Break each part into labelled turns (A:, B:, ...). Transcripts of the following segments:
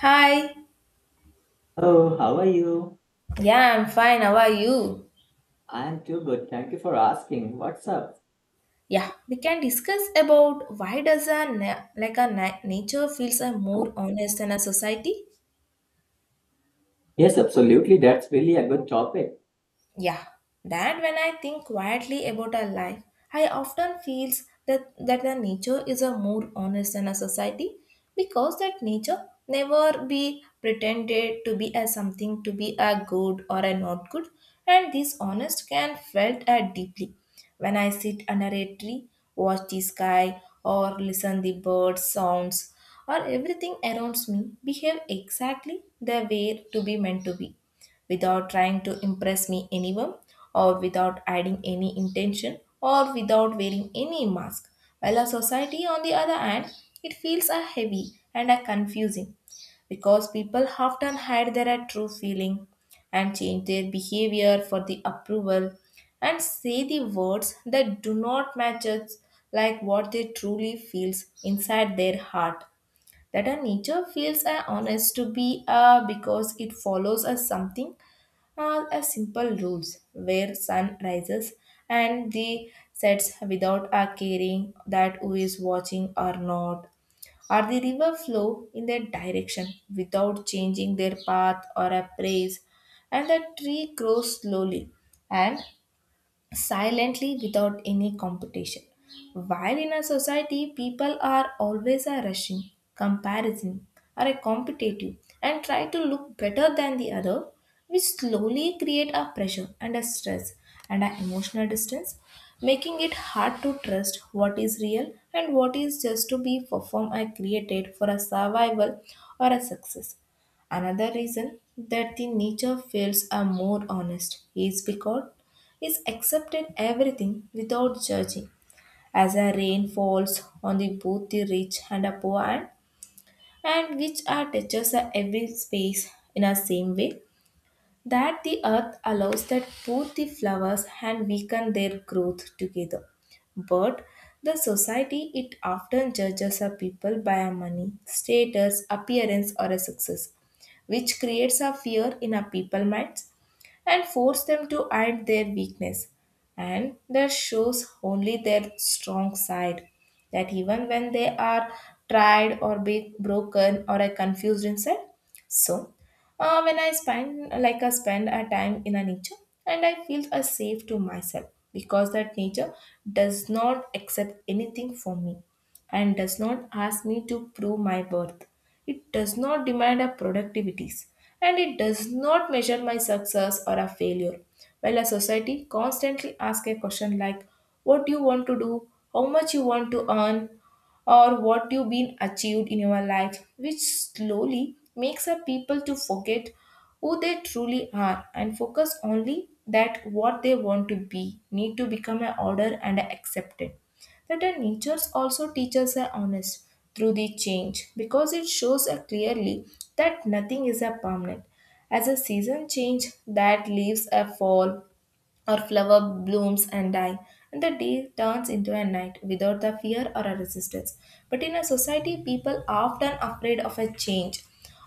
A: Hi.
B: Oh, how are you?
A: Yeah, I'm fine. How are you?
B: I am too good. Thank you for asking. What's up?
A: Yeah, we can discuss about why does a na- like a na- nature feels a more honest than a society?
B: Yes, absolutely. That's really a good topic.
A: Yeah, that when I think quietly about our life, I often feels that the nature is a more honest than a society because that nature never be pretended to be as something to be a good or a not good, and this honest can felt deeply. When I sit under a tree, watch the sky, or listen the bird sounds, or everything around me behave exactly the way to be meant to be without trying to impress me anyone or without adding any intention or without wearing any mask. While our society, on the other hand, it feels a heavy and a confusing because people often hide their true feeling and change their behavior for the approval and say the words that do not match us like what they truly feels inside their heart that a nature feels a honest to be a because it follows us something are a simple rules where sun rises and the sets without a caring that who is watching or not or the river flow in their direction without changing their path or a praise and the tree grows slowly and silently without any competition. While in a society, people are always a rushing, comparison, or a competitive and try to look better than the other, which slowly create a pressure and a stress and an emotional distance, making it hard to trust what is real and what is just to be performed and created for a survival or a success. Another reason that the nature feels are more honest is because is accepted everything without judging, as a rain falls on the both the rich and the poor, and which are touches the every space in a same way that the earth allows that both the flowers and weaken their growth together. But the society it often judges a people by a money, status, appearance, or a success, which creates a fear in a people minds and force them to hide their weakness and that shows only their strong side that even when they are tried or be broken or are confused inside. So when I spend like I spend a time in a nature and I feel a safe to myself because that nature does not accept anything from me and does not ask me to prove my worth. It does not demand a productivities and it does not measure my success or a failure. While a society constantly asks a question like what do you want to do, how much you want to earn, or what you've been achieved in your life, which slowly makes a people to forget who they truly are and focus only that what they want to be need to become an order and a accepted. That a nature also teaches a honest through the change because it shows a clearly that nothing is a permanent. As a season change that leaves a fall our flower blooms and die, and the day turns into a night without the fear or a resistance. But in a society, people are often afraid of a change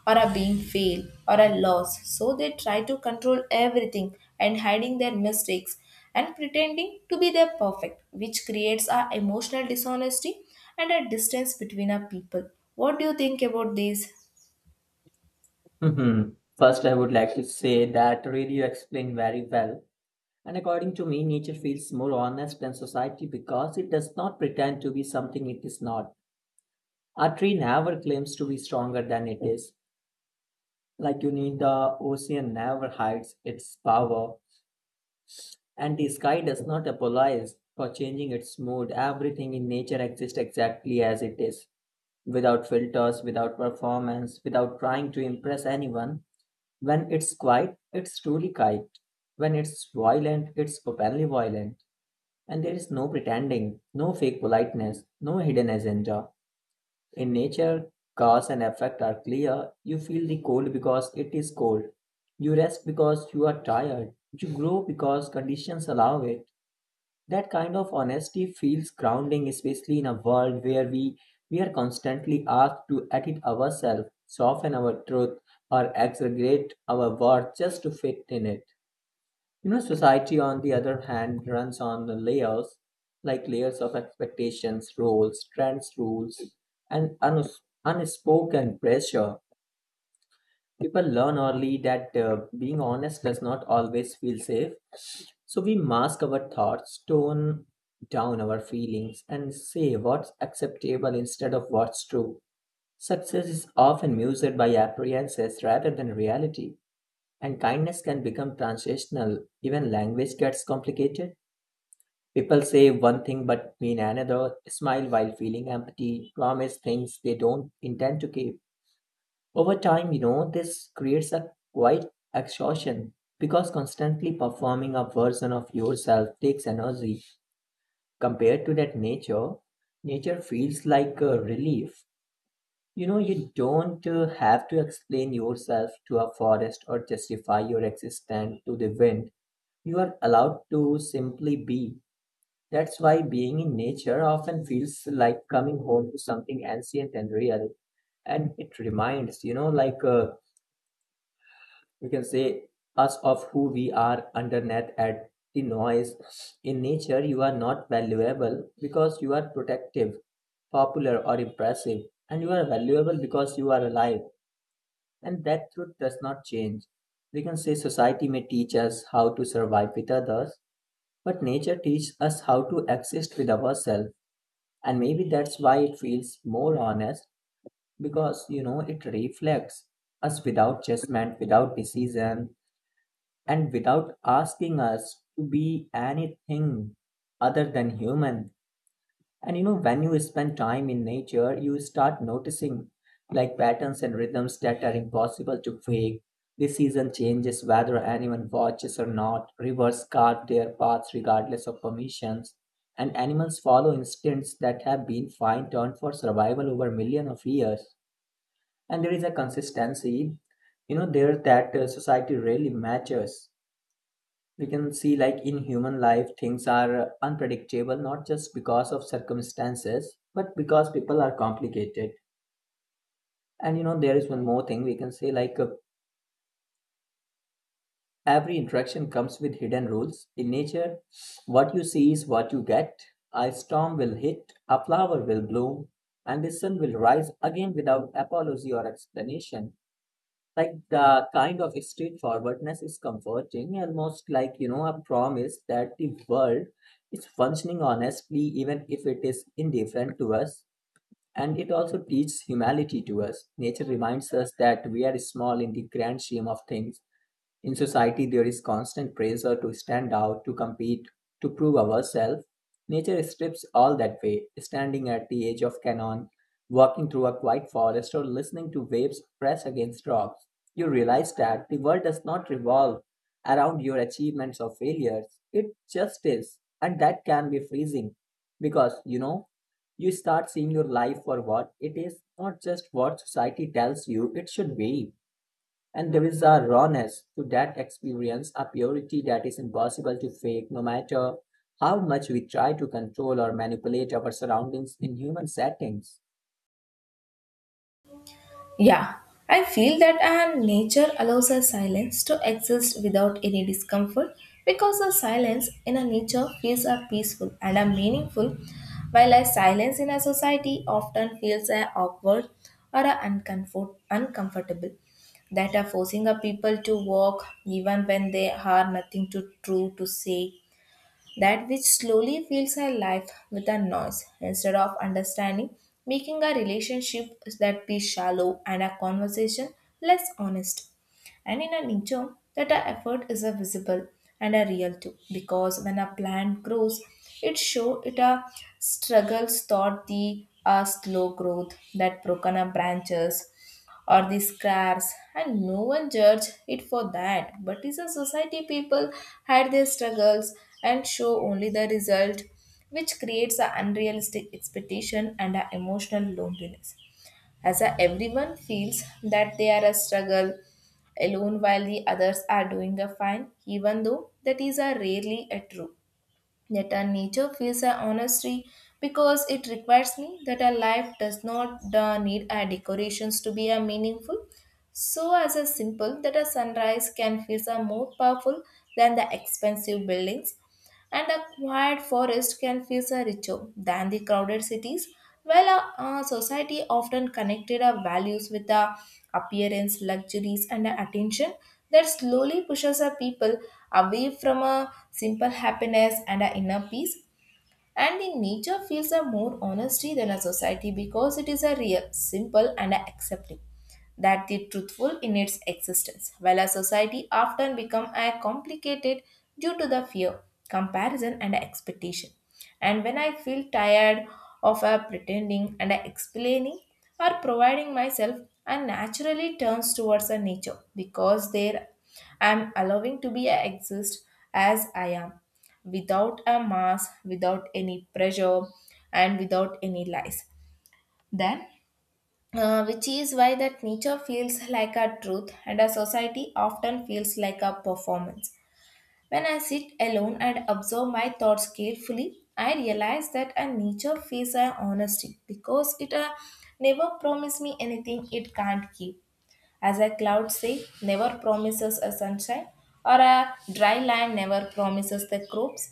A: or a being failed or a loss. So they try to control everything and hiding their mistakes and pretending to be their perfect, which creates a emotional dishonesty and a distance between our people. What do you think about this?
B: Hmm. First, I would like to say that really you explained very well. And according to me, nature feels more honest than society because it does not pretend to be something it is not. A tree never claims to be stronger than it is. Like you need the ocean never hides its power. And the sky does not apologize for changing its mood. Everything in nature exists exactly as it is, without filters, without performance, without trying to impress anyone. When it's quiet, it's truly quiet. When it's violent, it's openly violent. And there is no pretending, no fake politeness, no hidden agenda. In nature, cause and effect are clear. You feel the cold because it is cold. You rest because you are tired. You grow because conditions allow it. That kind of honesty feels grounding, especially in a world where we are constantly asked to edit ourselves, soften our truth, or exaggerate our worth just to fit in it. You know, society, on the other hand, runs on the layers, like layers of expectations, roles, trends, rules, and unspoken pressure. People learn early that being honest does not always feel safe. So we mask our thoughts, tone down our feelings, and say what's acceptable instead of what's true. Success is often measured by appearances rather than reality, and kindness can become transitional. Even language gets complicated. People say one thing but mean another, smile while feeling empty, promise things they don't intend to keep over time. You know, this creates a quite exhaustion because constantly performing a version of yourself takes energy compared to that nature. Nature feels like a relief. You know, you don't have to explain yourself to a forest or justify your existence to the wind. You are allowed to simply be. That's why being in nature often feels like coming home to something ancient and real, and it reminds you know like we can say us of who we are underneath at the noise. In nature you are not valuable because you are protective, popular, or impressive, and you are valuable because you are alive, and that truth does not change. We can say society may teach us how to survive with others, but nature teaches us how to exist with ourselves, and maybe that's why it feels more honest, because you know it reflects us without judgment, without decision, and without asking us to be anything other than human. And you know, when you spend time in nature, you start noticing like patterns and rhythms that are impossible to fake. The season changes whether anyone watches or not. Rivers carve their paths regardless of permissions. And animals follow instincts that have been fine tuned for survival over millions of years. And there is a consistency, you know, there that society rarely matches. We can see, like in human life, things are unpredictable not just because of circumstances, but because people are complicated. And you know, there is one more thing we can say, like every interaction comes with hidden rules. In nature, what you see is what you get. A storm will hit, a flower will bloom, and the sun will rise again without apology or explanation. Like the kind of straightforwardness is comforting, almost like you know a promise that the world is functioning honestly, even if it is indifferent to us. And it also teaches humility to us. Nature reminds us that we are small in the grand scheme of things. In society, there is constant pressure to stand out, to compete, to prove ourselves. Nature strips all that way, standing at the edge of canyon, walking through a quiet forest, or listening to waves press against rocks. You realize that the world does not revolve around your achievements or failures, it just is. And that can be freezing because, you know, you start seeing your life for what it is, not just what society tells you it should be. And there is a rawness to that experience, a purity that is impossible to fake, no matter how much we try to control or manipulate our surroundings in human settings.
A: Yeah, I feel that and nature allows a silence to exist without any discomfort because a silence in a nature feels a peaceful and a meaningful, while a silence in a society often feels a awkward or a uncomfortable that are forcing a people to walk even when they have nothing to true to say that which slowly fills our life with a noise instead of understanding, making our relationship that be shallow and our conversation less honest. And in a nature, that our effort is a visible and a real too, because when a plant grows, it show it a struggles thought the a slow growth that broken up branches or the scraps and no one judged it for that but is a society people hide their struggles and show only the result, which creates an unrealistic expectation and an emotional loneliness as a, everyone feels that they are a struggle alone while the others are doing a fine even though that is a rarely a true. Yet our nature feels a honesty because it requires me that our life does not need our decorations to be a meaningful. So as a simple that a sunrise can feel a more powerful than the expensive buildings and a quiet forest can feel so richer than the crowded cities. While a society often connected our values with our appearance, luxuries, and our attention, that slowly pushes our people away from a simple happiness and our inner peace. And in nature feels a more honesty than a society because it is a real, simple and a accepting that the truthful in its existence, while a society often become a complicated due to the fear, comparison and expectation. And when I feel tired of a pretending and a explaining or providing myself, I naturally turns towards a nature because there I am allowing to be a exist as I am without a mass, without any pressure, and without any lies. Then, which is why that nature feels like a truth and a society often feels like a performance. When I sit alone and observe my thoughts carefully, I realize that a nature feels an honesty because it never promised me anything it can't keep. As a cloud say, never promises a sunshine, or a dry land never promises the crops.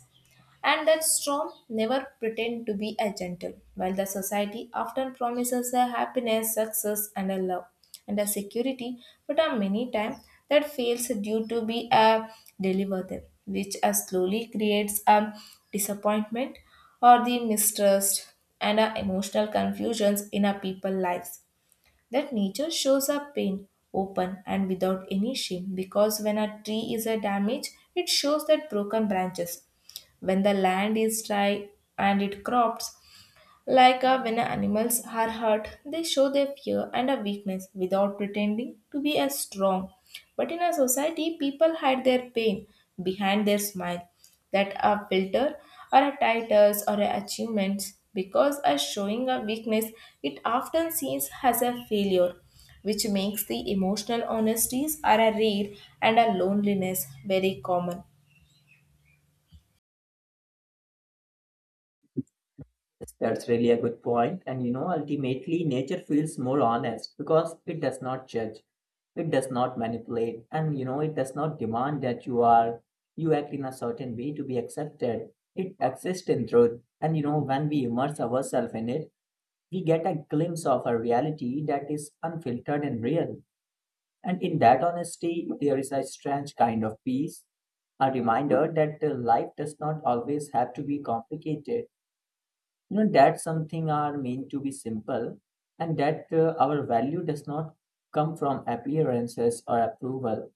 A: And that storm never pretend to be a gentle, while the society often promises a happiness, success, and a love and a security, but are many times that fails due to be a deliver which slowly creates a disappointment or the mistrust and emotional confusions in our people lives that nature shows up pain open and without any shame because when a tree is a damage it shows that broken branches when the land is dry and it crops like when animals are hurt, they show their fear and a weakness without pretending to be as strong. But in a society, people hide their pain behind their smile, that a filter or a titles or a achievements because as showing a weakness, it often seems as a failure, which makes the emotional honesties are a rare and a loneliness very common.
B: That's really a good point. And you know, ultimately, nature feels more honest because it does not judge, it does not manipulate, and you know, it does not demand that you act in a certain way to be accepted. It exists in truth. And you know, when we immerse ourselves in it, we get a glimpse of a reality that is unfiltered and real. And in that honesty, there is a strange kind of peace, a reminder that life does not always have to be complicated. You know, that something are meant to be simple, and that our value does not come from appearances or approval,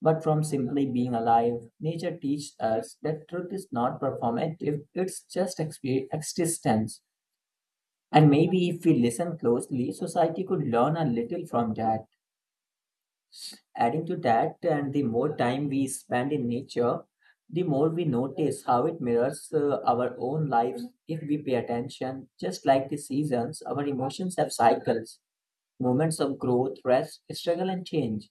B: but from simply being alive. Nature teaches us that truth is not performative, it's just existence. And maybe if we listen closely, society could learn a little from that. Adding to that, and the more time we spend in nature, the more we notice how it mirrors our own lives if we pay attention. Just like the seasons, our emotions have cycles, moments of growth, rest, struggle, and change.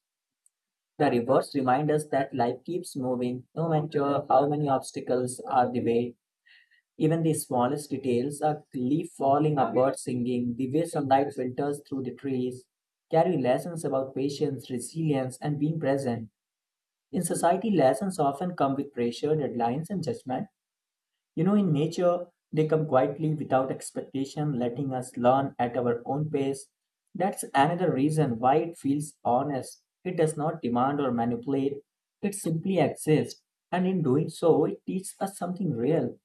B: The reverse reminds us that life keeps moving no matter how many obstacles are the way. Even the smallest details, a leaf falling, a bird singing, the way sunlight filters through the trees, carry lessons about patience, resilience, and being present. In society, lessons often come with pressure, deadlines, and judgment. You know, in nature, they come quietly without expectation, letting us learn at our own pace. That's another reason why it feels honest. It does not demand or manipulate, it simply exists. And in doing so, it teaches us something real.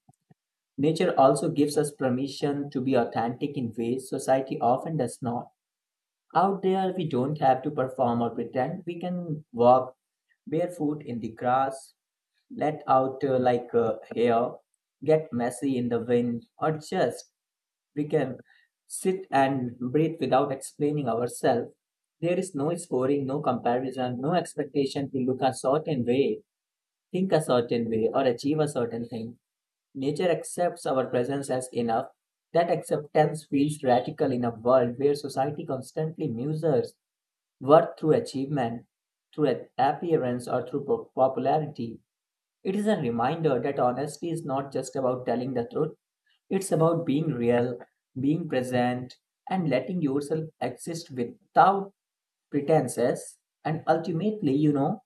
B: Nature also gives us permission to be authentic in ways society often does not. Out there, we don't have to perform or pretend. We can walk barefoot in the grass, let out hair, get messy in the wind, or just we can sit and breathe without explaining ourselves. There is no scoring, no comparison, no expectation to look a certain way, think a certain way, or achieve a certain thing. Nature accepts our presence as enough. That acceptance feels radical in a world where society constantly measures worth through achievement, through appearance, or through popularity. It is a reminder that honesty is not just about telling the truth, it's about being real, being present, and letting yourself exist without pretenses. And ultimately, you know,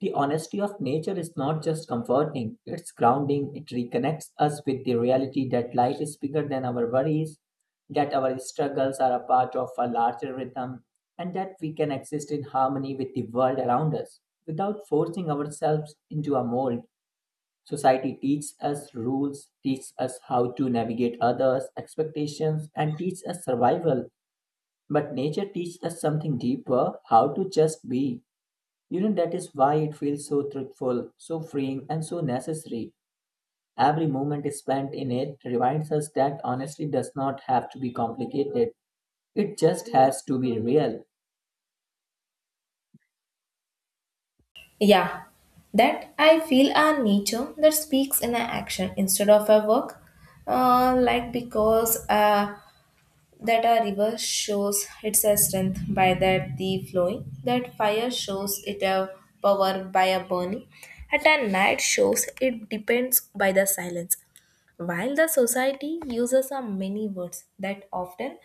B: the honesty of nature is not just comforting, it's grounding. It reconnects us with the reality that life is bigger than our worries, that our struggles are a part of a larger rhythm, and that we can exist in harmony with the world around us without forcing ourselves into a mold. Society teaches us rules, teaches us how to navigate others' expectations, and teaches us survival. But nature teaches us something deeper, how to just be. You know, that is why it feels so truthful, so freeing, and so necessary. Every moment spent in it reminds us that honesty does not have to be complicated, it just has to be real.
A: Yeah, that I feel a nature that speaks in a action instead of a work, like because that a river shows its a strength by that the flowing, that fire shows it a power by a burning, at a night shows it depends by the silence. While the society uses a many words that often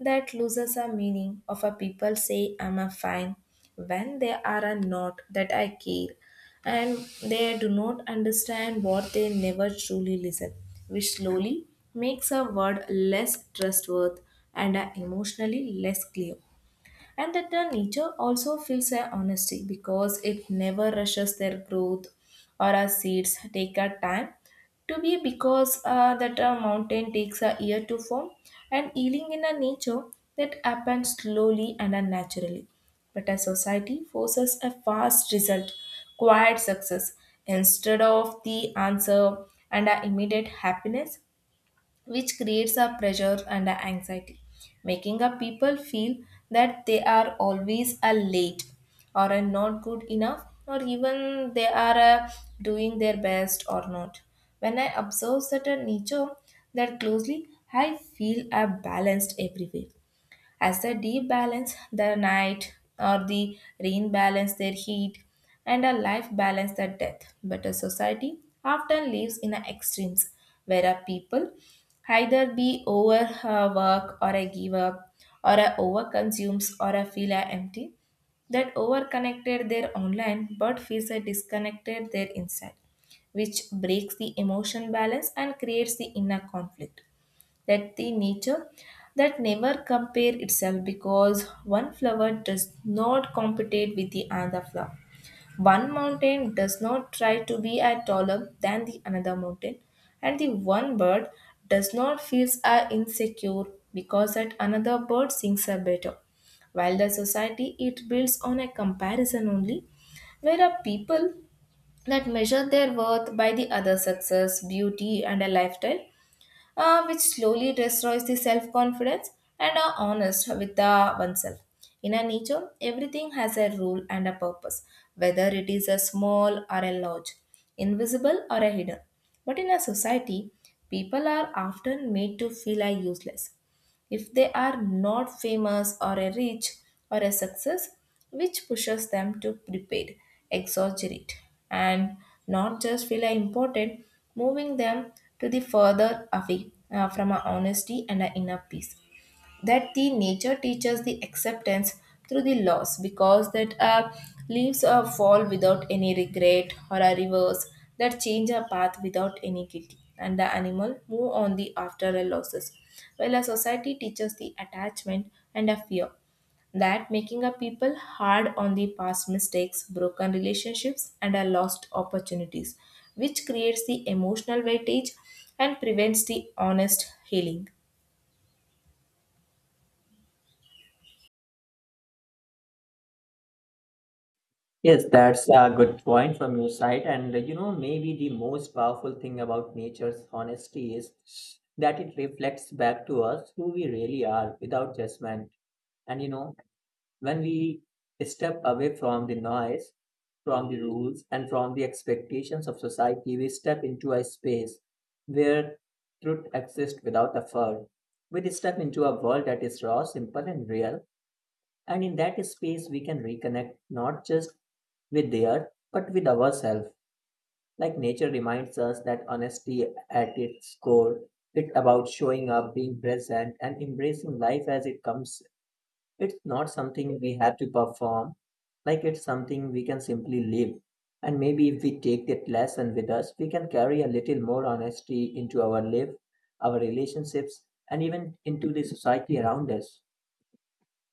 A: that loses a meaning of a people say I'm a fine when they are a not that I care and they do not understand what they never truly listen, which slowly makes a word less trustworthy and emotionally less clear and that the nature also feels their honesty because it never rushes their growth or our seeds take our time to be because that a mountain takes a year to form and healing in a nature that happens slowly and unnaturally but a society forces a fast result quiet success instead of the answer and our immediate happiness, which creates a pressure and a anxiety, making a people feel that they are always a late or a not good enough or even they are doing their best or not. When I observe such a nature that closely, I feel a balanced everywhere as the they debalance the night or the rain balance their heat and a life balance their death. But a society often lives in a extremes where a people either be over work or a give up or a over consumes or a feel a empty that overconnected their online but feels a disconnected their inside, which breaks the emotion balance and creates the inner conflict that the nature that never compare itself because one flower does not compete with the other flower, one mountain does not try to be a taller than the another mountain, and the one bird does not feels a insecure because that another bird sings a better while the society it builds on a comparison only where are people that measure their worth by the other success beauty and a lifestyle, which slowly destroys the self confidence and are honest with the oneself. In a nature, everything has a rule and a purpose, whether it is a small or a large, invisible or a hidden. But in a society, people are often made to feel are useless if they are not famous or a rich or a success, which pushes them to prepaid, exaggerate, and not just feel important, moving them to the further away from our honesty and our inner peace. That the nature teaches the acceptance through the loss because that leaves fall without any regret or a reverse, that change a path without any guilt, and the animal move on the after a losses, while a society teaches the attachment and a fear, that making a people hard on the past mistakes, broken relationships, and a lost opportunities, which creates the emotional weightage and prevents the honest healing.
B: Yes, that's a good point from your side. And you know, maybe the most powerful thing about nature's honesty is that it reflects back to us who we really are without judgment. And you know, when we step away from the noise, from the rules, and from the expectations of society, we step into a space where truth exists without effort. We step into a world that is raw, simple, and real, and in that space, we can reconnect not just with the earth, but with ourselves. Like nature reminds us that honesty at its core, it's about showing up, being present, and embracing life as it comes. It's not something we have to perform, like it's something we can simply live. And maybe if we take that lesson with us, we can carry a little more honesty into our life, our relationships, and even into the society around us.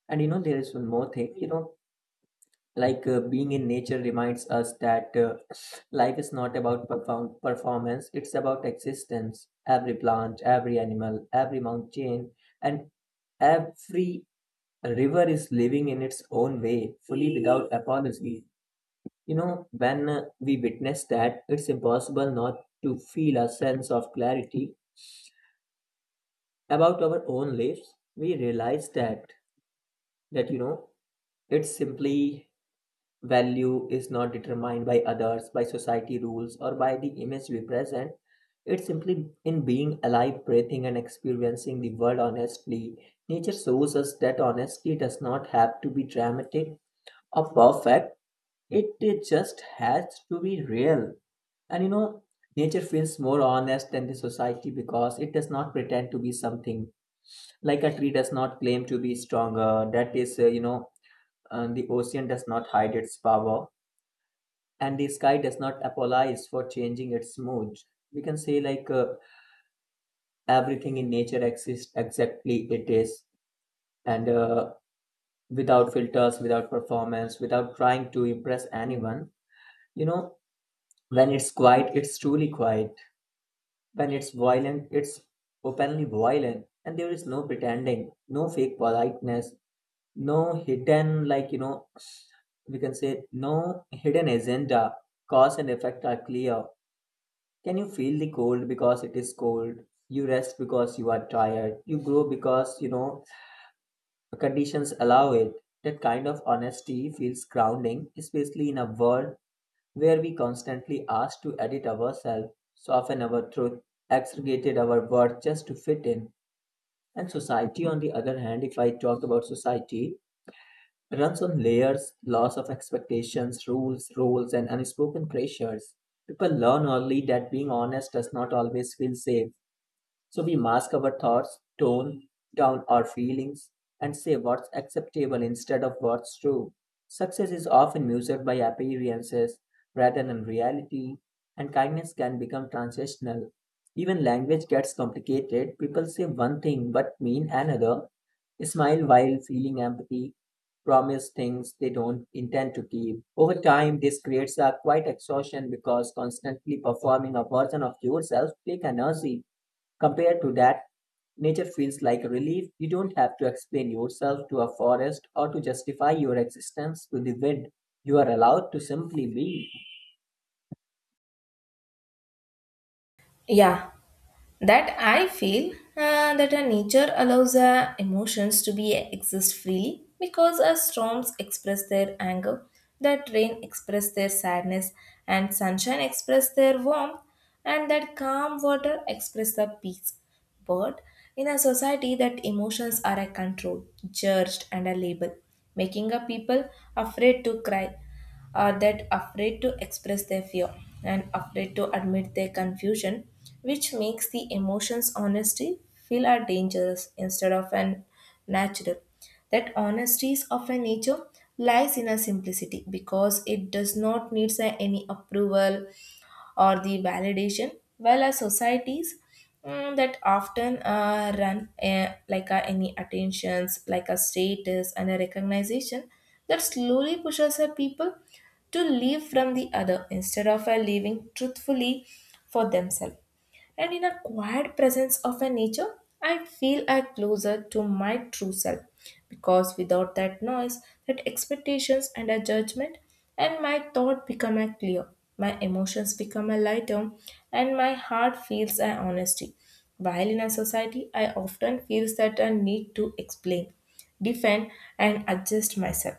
B: And you know, there is one more thing, you know, like being in nature reminds us that life is not about performance. It's about existence. Every plant, every animal, every mountain, and every river is living in its own way fully without apology. You know, when we witness that, it's impossible not to feel a sense of clarity about our own lives. We realize that you know it's simply value is not determined by others, by society rules, or by the image we present. It's simply in being alive, breathing, and experiencing the world honestly. Nature shows us that honesty does not have to be dramatic or perfect, it just has to be real. And you know, nature feels more honest than the society because it does not pretend to be something. Like a tree does not claim to be stronger, that is, the ocean does not hide its power, and the sky does not apologize for changing its mood. We can say everything in nature exists exactly it is, and without filters, without performance, without trying to impress anyone. You know, when it's quiet, it's truly quiet. When it's violent, it's openly violent, and there is no pretending, no fake politeness, no hidden we can say no hidden agenda. Cause and effect are clear. Can you feel the cold because it is cold? You rest because you are tired. You grow because, conditions allow it. That kind of honesty feels grounding, especially in a world where we constantly ask to edit ourselves, soften our truth, exaggerate our worth just to fit in. And society, on the other hand, if I talk about society, runs on layers, loss of expectations, rules, roles, and unspoken pressures. People learn early that being honest does not always feel safe. So we mask our thoughts, tone down our feelings, and say what's acceptable instead of what's true. Success is often measured by appearances rather than reality, and kindness can become transactional. Even language gets complicated. People say one thing but mean another, smile while feeling empathy, promise things they don't intend to keep. Over time, this creates a quite exhaustion because constantly performing a version of yourself take energy. Compared to that, nature feels like a relief. You don't have to explain yourself to a forest or to justify your existence to the wind. You are allowed to simply be.
A: Yeah, that I feel that our nature allows our emotions to be exist freely because our storms express their anger, that rain express their sadness, and sunshine express their warmth, and that calm water express the peace. But in a society, that emotions are a control, judged, and a label, making a people afraid to cry, are that afraid to express their fear, and afraid to admit their confusion, which makes the emotions honesty feel are dangerous instead of an natural. That honesty of a nature lies in a simplicity because it does not need any approval or the validation, while our societies that often run like any attentions, like a status and a recognition, that slowly pushes our people to live from the other instead of living truthfully for themselves. And in a quiet presence of a nature, I feel I closer to my true self because without that noise, that expectations and a judgment, and my thought become a clear, my emotions become a lighter, and my heart feels a honesty. While in a society, I often feels that I need to explain, defend, and adjust myself,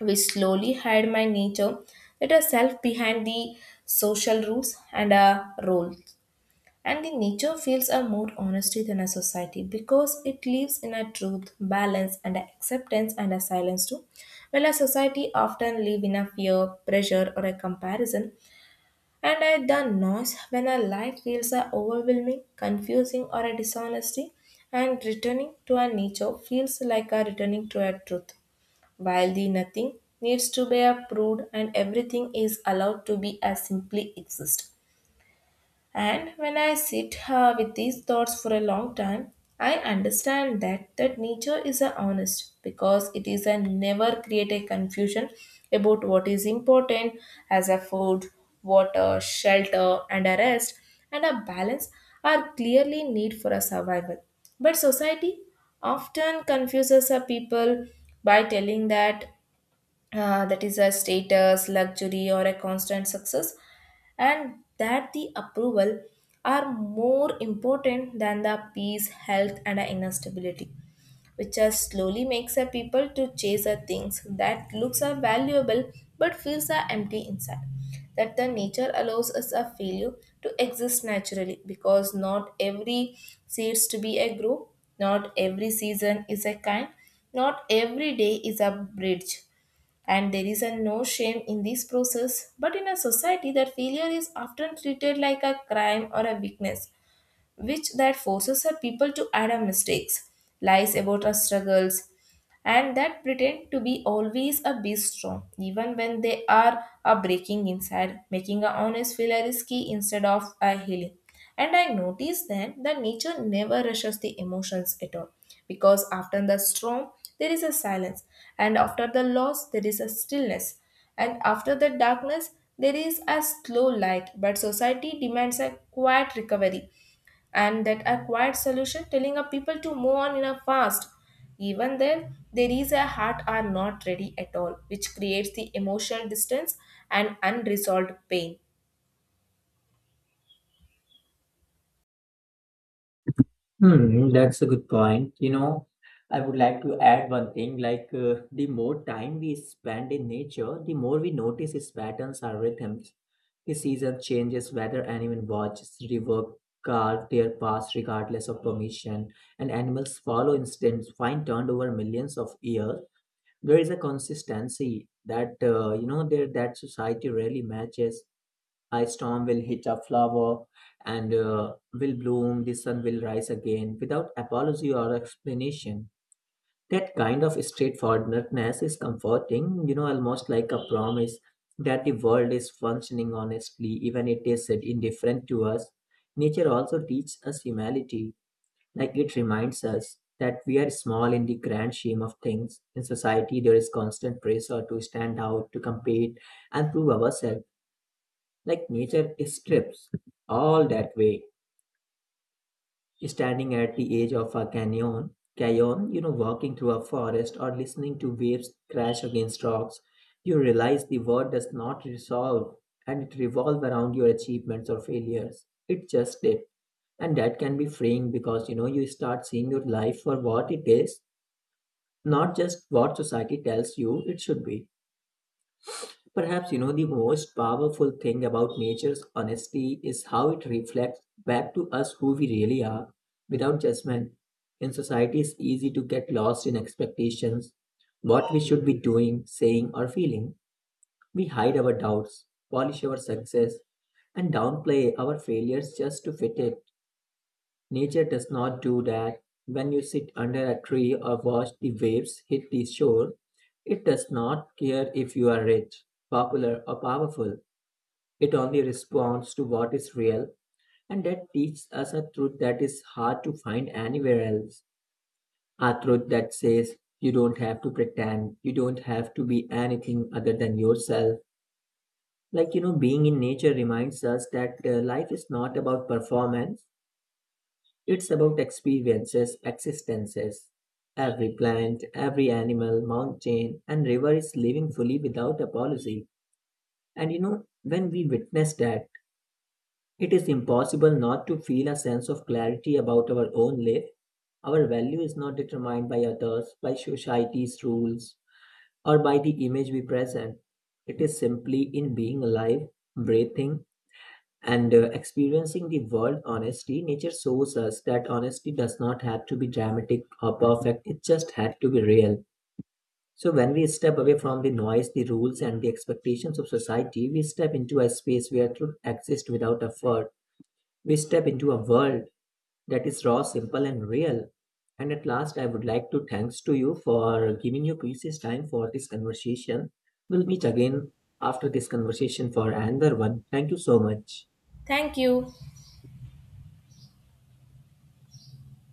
A: which slowly hide my nature, let a self behind the social rules and a role. And the nature feels are more honesty than a society because it lives in a truth, balance, and a acceptance and a silence too. While a society often live in a fear, pressure, or a comparison, and at the noise when a life feels are overwhelming, confusing, or a dishonesty, and returning to a nature feels like a returning to a truth. While the nothing needs to be approved and everything is allowed to be as simply exist. And when I sit with these thoughts for a long time, I understand that that nature is a honest because it is a never create a confusion about what is important as a food, water, shelter, and a rest and a balance are clearly need for a survival. But society often confuses a people by telling that that is a status, luxury, or a constant success, and that the approval are more important than the peace, health, and the inner stability, which are slowly makes a people to chase a things that looks are valuable but feels are empty inside. That the nature allows us a failure to exist naturally because not every seeds to be a grow, not every season is a kind, not every day is a bridge, and there is a no shame in this process. But in a society that failure is often treated like a crime or a weakness, which that forces her people to add our mistakes, lies about our struggles, and that pretend to be always a be strong, even when they are a breaking inside, making a honest feel a risky instead of a healing. And I noticed then that nature never rushes the emotions at all, because after the storm there is a silence, and after the loss there is a stillness, and after the darkness there is a slow light. But society demands a quiet recovery, and that a quiet solution telling a people to move on in a fast even then there is a heart are not ready at all, which creates the emotional distance and unresolved pain.
B: Hmm, that's a good point. You know, I would like to add one thing the more time we spend in nature, the more we notice its patterns or rhythms. The season changes, weather animal watches, river carve their paths regardless of permission, and animals follow instincts fine turned over millions of years. There is a consistency that you know there that society rarely matches. A storm will hit a flower, and will bloom, the sun will rise again without apology or explanation. That kind of straightforwardness is comforting, you know, almost like a promise that the world is functioning honestly even it is indifferent to us. Nature also teaches us humility, like it reminds us that we are small in the grand scheme of things. In society, there is constant pressure to stand out, to compete, and prove ourselves. Like nature strips all that way. Standing at the edge of a canyon, you know, walking through a forest or listening to waves crash against rocks, you realize the world does not resolve and it revolve around your achievements or failures. It just did. And that can be freeing because, you know, you start seeing your life for what it is, not just what society tells you it should be. Perhaps, you know, the most powerful thing about nature's honesty is how it reflects back to us who we really are without judgment. In society, it's easy to get lost in expectations, what we should be doing, saying, or feeling. We hide our doubts, polish our success, and downplay our failures just to fit in. Nature does not do that. When you sit under a tree or watch the waves hit the shore, it does not care if you are rich, popular, or powerful. It only responds to what is real, and that teaches us a truth that is hard to find anywhere else. A truth that says you don't have to pretend, you don't have to be anything other than yourself. Like, you know, being in nature reminds us that life is not about performance. It's about experiences, existences. Every plant, every animal, mountain, and river is living fully without apology. And you know, when we witness that, it is impossible not to feel a sense of clarity about our own life. Our value is not determined by others, by society's rules, or by the image we present. It is simply in being alive, breathing, and experiencing the world honestly. Nature shows us that honesty does not have to be dramatic or perfect, it just had to be real. So, when we step away from the noise, the rules, and the expectations of society, we step into a space where truth exists without effort. We step into a world that is raw, simple, and real. And at last, I would like to thanks to you for giving your precious time for this conversation. We'll meet again after this conversation for another one. Thank you so much.
A: Thank you.